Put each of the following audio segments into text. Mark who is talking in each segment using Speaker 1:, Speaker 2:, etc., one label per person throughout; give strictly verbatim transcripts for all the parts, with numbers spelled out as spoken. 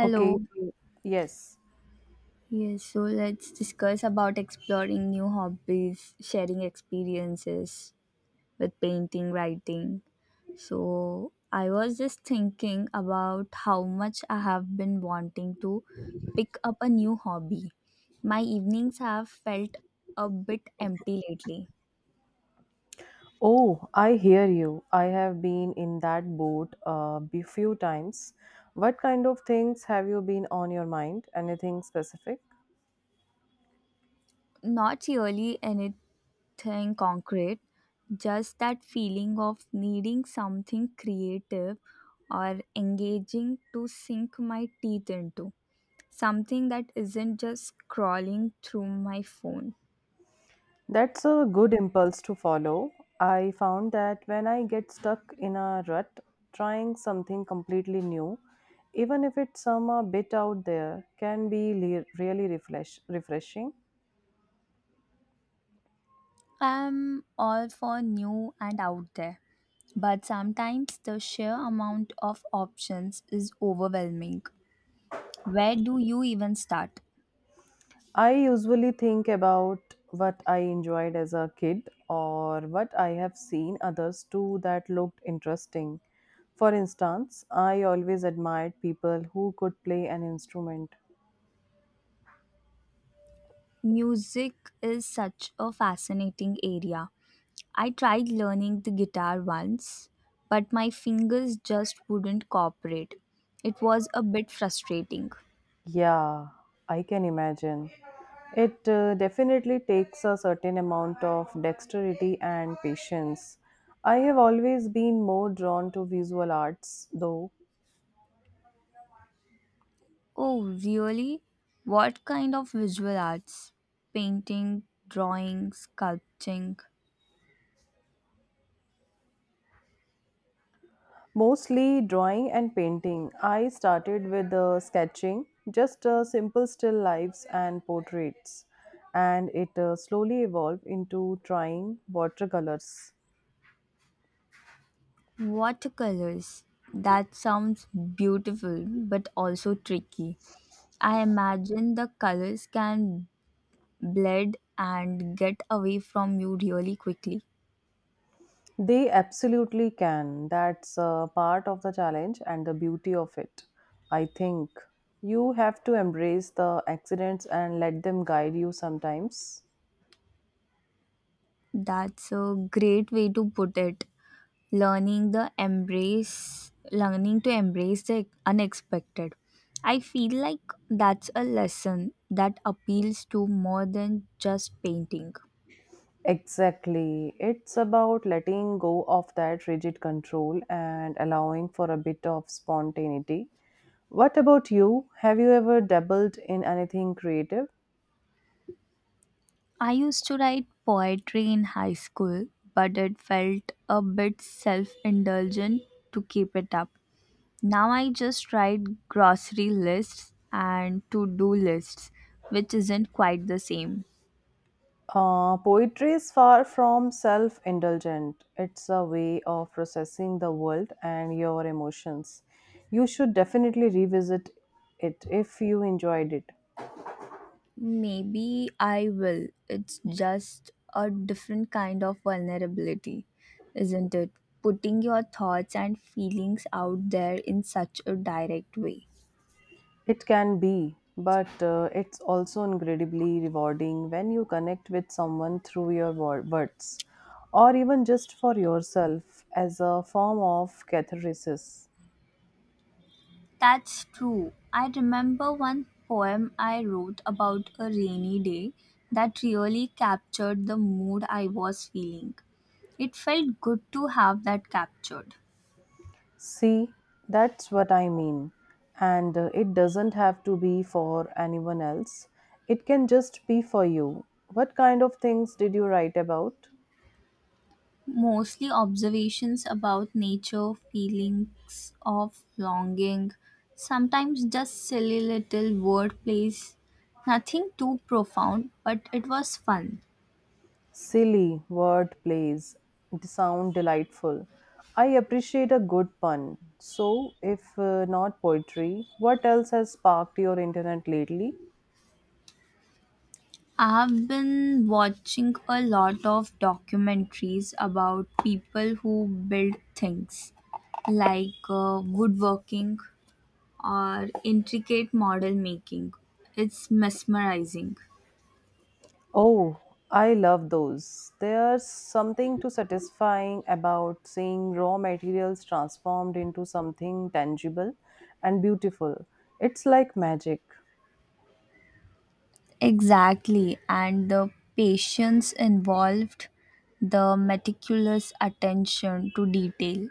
Speaker 1: Okay, so- yes.
Speaker 2: Yes, so let's discuss about exploring new hobbies, sharing experiences with painting, writing. So, I was just thinking about how much I have been wanting to pick up a new hobby. My evenings have felt a bit empty lately.
Speaker 1: Oh, I hear you. I have been in that boat a few times. What kind of things have you been on your mind? Anything specific?
Speaker 2: Not really anything nothing concrete, just that feeling of needing something creative or engaging to sink my teeth into. Something that isn't just scrolling through my phone.
Speaker 1: That's a good impulse to follow. I found that when I get stuck in a rut, trying something completely new, even if it's some a bit out there, can be le- really refresh- refreshing.
Speaker 2: I'm all for new and out there, but sometimes the sheer amount of options is overwhelming. Where do you even start?
Speaker 1: I usually think about what I enjoyed as a kid or what I have seen others do that looked interesting. For instance, I always admired people who could play an instrument.
Speaker 2: Music is such a fascinating area. I tried learning the guitar once, but my fingers just wouldn't cooperate. It was a bit frustrating.
Speaker 1: Yeah, I can imagine. It uh, definitely takes a certain amount of dexterity and patience. I have always been more drawn to visual arts, though.
Speaker 2: Oh, really? What kind of visual arts? Painting, drawing, sculpting,
Speaker 1: Mostly drawing and painting. I started with uh, sketching, just uh, simple still lives and portraits, and it uh, slowly evolved into trying watercolors.
Speaker 2: watercolors. That sounds beautiful but also tricky. I imagine the colors can blend and get away from you really quickly.
Speaker 1: They absolutely can. That's uh, part of the challenge and the beauty of it. I think you have to embrace the accidents and let them guide you sometimes.
Speaker 2: That's a great way to put it. Learning the embrace learning to embrace the unexpected, I feel like that's a lesson that appeals to more than just painting.
Speaker 1: Exactly. It's about letting go of that rigid control and allowing for a bit of spontaneity. What about you? Have you ever dabbled in anything creative?
Speaker 2: I used to write poetry in high school, but it felt a bit self-indulgent to keep it up. Now I just write grocery lists and to-do lists, which isn't quite the same.
Speaker 1: Uh, poetry is far from self indulgent. It's a way of processing the world and your emotions. You should definitely revisit it if you enjoyed it.
Speaker 2: Maybe I will. It's just a different kind of vulnerability, isn't it? Putting your thoughts and feelings out there in such a direct way.
Speaker 1: It can be, but uh, it's also incredibly rewarding when you connect with someone through your wor- words or even just for yourself as a form of catharsis.
Speaker 2: That's true. I remember one poem I wrote about a rainy day that really captured the mood I was feeling. It felt good to have that captured.
Speaker 1: See, that's what I mean. And uh, it doesn't have to be for anyone else, it can just be for you. What kind of things did you write about?
Speaker 2: Mostly observations about nature, feelings of longing, sometimes just silly little word plays. Nothing too profound, but it was fun.
Speaker 1: Silly word plays sound delightful. I appreciate a good pun. So, if uh, not poetry, what else has sparked your internet lately?
Speaker 2: I've been watching a lot of documentaries about people who build things like uh, woodworking or intricate model making. It's mesmerizing.
Speaker 1: Oh, I love those. There's something to satisfying about seeing raw materials transformed into something tangible and beautiful. It's like magic.
Speaker 2: Exactly, and the patience involved, the meticulous attention to detail.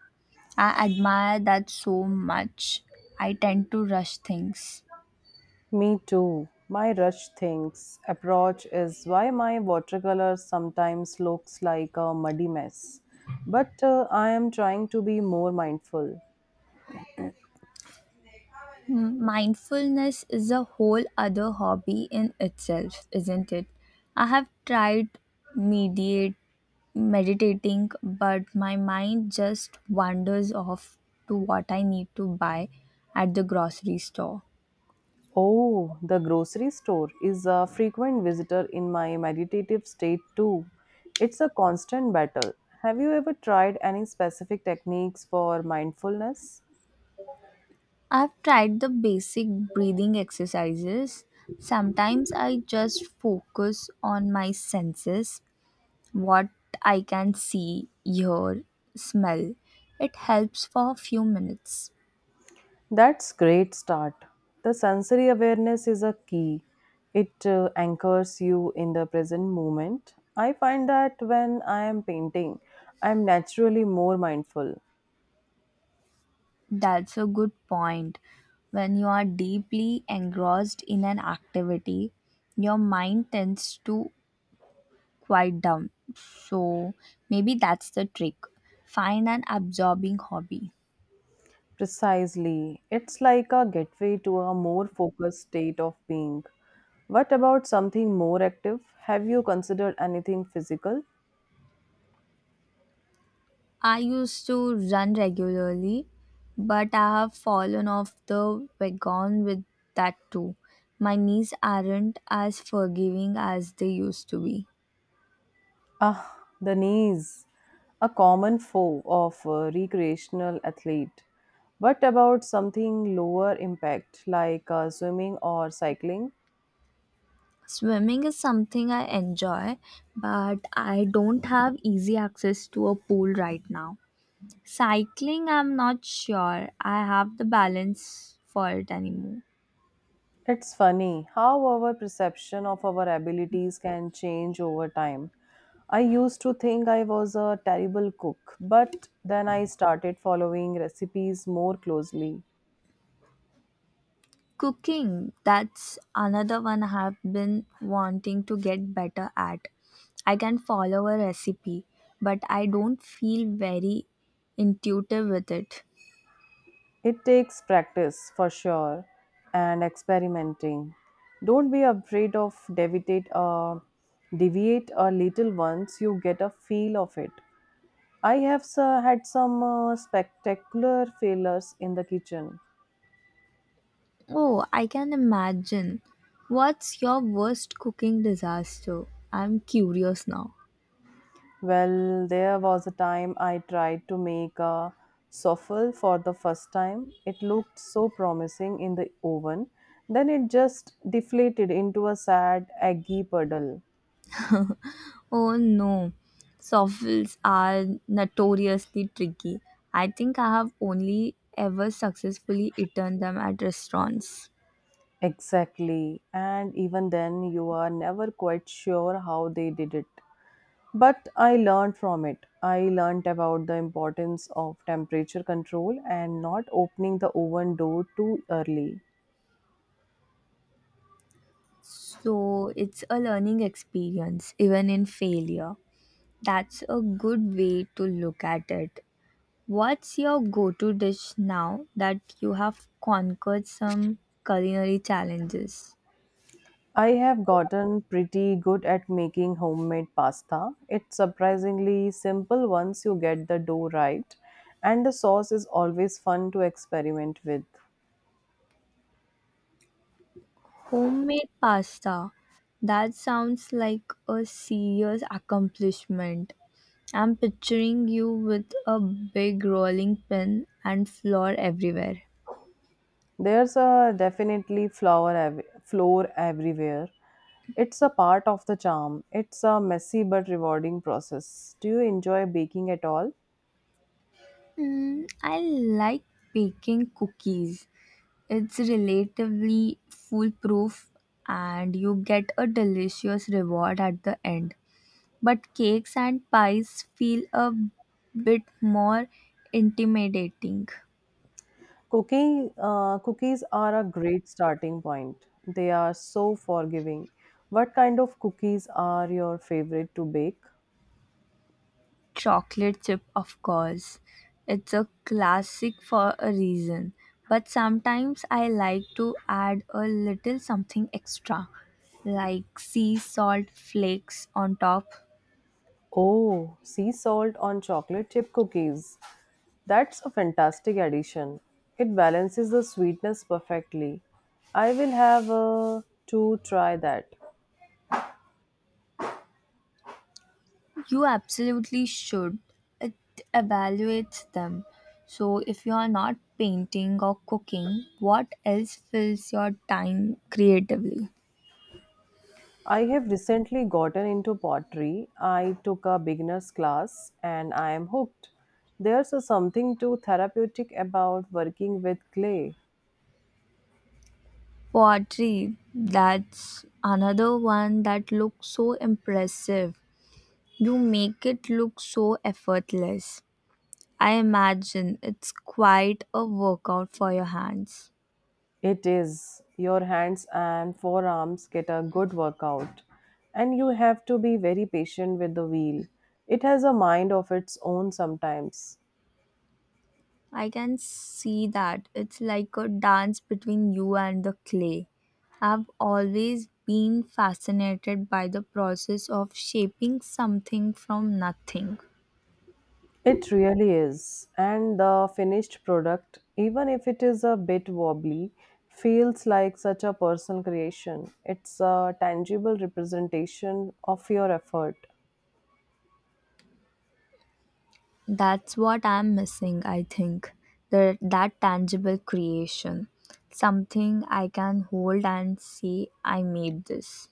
Speaker 2: I admire that so much. I tend to rush things.
Speaker 1: Me too. My rush things approach is why my watercolor sometimes looks like a muddy mess. But uh, I am trying to be more mindful.
Speaker 2: M- Mindfulness is a whole other hobby in itself, isn't it? I have tried mediate, meditating, but my mind just wanders off to what I need to buy at the grocery store.
Speaker 1: Oh, the grocery store is a frequent visitor in my meditative state too. It's a constant battle. Have you ever tried any specific techniques for mindfulness?
Speaker 2: I've tried the basic breathing exercises. Sometimes I just focus on my senses, what I can see, hear, smell. It helps for a few minutes.
Speaker 1: That's great start. The sensory awareness is a key. It uh, anchors you in the present moment. I find that when I am painting, I am naturally more mindful.
Speaker 2: That's a good point. When you are deeply engrossed in an activity, your mind tends to quiet down. So maybe that's the trick. Find an absorbing hobby.
Speaker 1: Precisely. It's like a gateway to a more focused state of being. What about something more active? Have you considered anything physical?
Speaker 2: I used to run regularly, but I have fallen off the wagon with that too. My knees aren't as forgiving as they used to be.
Speaker 1: Ah, the knees, a common foe of a recreational athlete. But about something lower impact like uh, swimming or cycling?
Speaker 2: Swimming is something I enjoy, but I don't have easy access to a pool right now. Cycling, I'm not sure I have the balance for it anymore.
Speaker 1: It's funny how our perception of our abilities can change over time. I used to think I was a terrible cook, but then I started following recipes more closely.
Speaker 2: Cooking, that's another one I have been wanting to get better at. I can follow a recipe, but I don't feel very intuitive with it.
Speaker 1: It takes practice for sure and experimenting. Don't be afraid of deviate uh, deviate a little once you get a feel of it. I have uh, had some uh, spectacular failures in the kitchen.
Speaker 2: Oh, I can imagine. What's your worst cooking disaster? I'm curious now.
Speaker 1: Well, there was a time I tried to make a souffle for the first time. It looked so promising in the oven, then it just deflated into a sad, eggy puddle.
Speaker 2: Oh no, soffits are notoriously tricky. I think I have only ever successfully eaten them at restaurants.
Speaker 1: Exactly. And even then, you are never quite sure how they did it. But I learned from it. I learned about the importance of temperature control and not opening the oven door too early.
Speaker 2: So it's a learning experience, even in failure. That's a good way to look at it. What's your go to dish now that you have conquered some culinary challenges?
Speaker 1: I have gotten pretty good at making homemade pasta. It's surprisingly simple once you get the dough right, and the sauce is always fun to experiment with.
Speaker 2: Homemade pasta. That sounds like a serious accomplishment. I'm picturing you with a big rolling pin and flour everywhere.
Speaker 1: There's a definitely flower ev- floor everywhere. It's a part of the charm. It's a messy but rewarding process. Do you enjoy baking at all?
Speaker 2: Mm, I like baking cookies. It's relatively foolproof and you get a delicious reward at the end. But cakes and pies feel a bit more intimidating.
Speaker 1: Cooking uh, cookies are a great starting point. They are so forgiving. What kind of cookies are your favorite to bake?
Speaker 2: Chocolate chip, of course. It's a classic for a reason. But sometimes I like to add a little something extra, like sea salt flakes on top.
Speaker 1: Oh, sea salt on chocolate chip cookies. That's a fantastic addition. It balances the sweetness perfectly. I will have uh, to try that.
Speaker 2: You absolutely should. It evaluates them. So, if you are not painting or cooking, what else fills your time creatively?
Speaker 1: I have recently gotten into pottery. I took a beginner's class and I am hooked. There's a something too therapeutic about working with clay.
Speaker 2: Pottery, that's another one that looks so impressive. You make it look so effortless. I imagine it's quite a workout for your hands.
Speaker 1: It is. Your hands and forearms get a good workout, and you have to be very patient with the wheel. It has a mind of its own sometimes.
Speaker 2: I can see that. It's like a dance between you and the clay. I've always been fascinated by the process of shaping something from nothing.
Speaker 1: It really is. And the finished product, even if it is a bit wobbly, feels like such a personal creation. It's a tangible representation of your effort.
Speaker 2: That's what I'm missing, I think. The, that tangible creation. Something I can hold and say, I made this.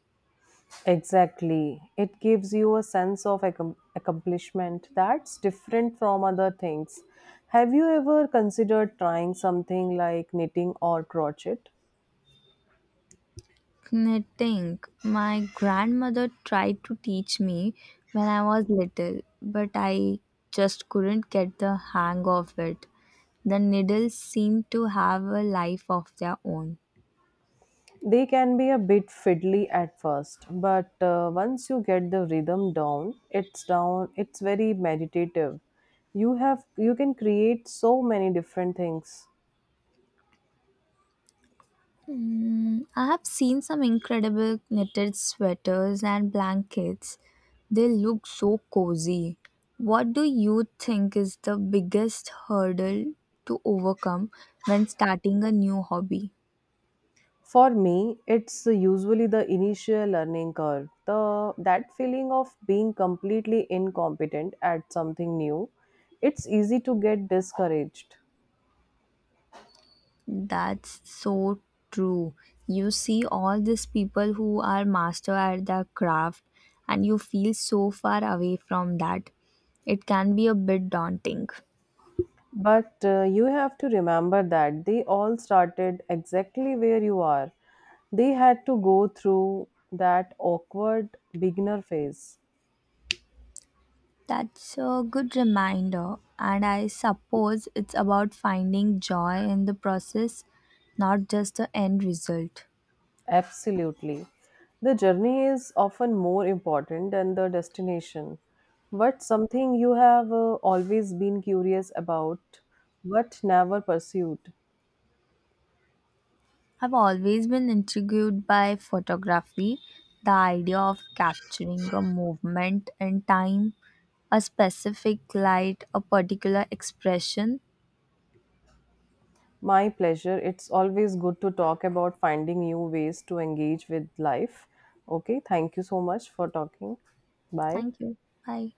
Speaker 1: Exactly. It gives you a sense of accom- accomplishment that's different from other things. Have you ever considered trying something like knitting or crochet?
Speaker 2: Knitting. My grandmother tried to teach me when I was little, but I just couldn't get the hang of it. The needles seem to have a life of their own.
Speaker 1: They can be a bit fiddly at first, but uh, once you get the rhythm down, it's down. It's very meditative. You have you can create so many different things.
Speaker 2: Mm, I have seen some incredible knitted sweaters and blankets. They look so cozy. What do you think is the biggest hurdle to overcome when starting a new hobby?
Speaker 1: For me, it's usually the initial learning curve. The That feeling of being completely incompetent at something new. It's easy to get discouraged.
Speaker 2: That's so true. You see all these people who are master at their craft and you feel so far away from that. It can be a bit daunting.
Speaker 1: But uh, you have to remember that they all started exactly where you are. They had to go through that awkward beginner phase.
Speaker 2: That's a good reminder, and I suppose it's about finding joy in the process, not just the end result.
Speaker 1: Absolutely. The journey is often more important than the destination. But something you have uh, always been curious about but never pursued.
Speaker 2: I've always been intrigued by photography, the idea of capturing a movement in time, a specific light, a particular expression.
Speaker 1: My pleasure. It's always good to talk about finding new ways to engage with life. Okay, thank you so much for talking. Bye.
Speaker 2: Thank you. Bye.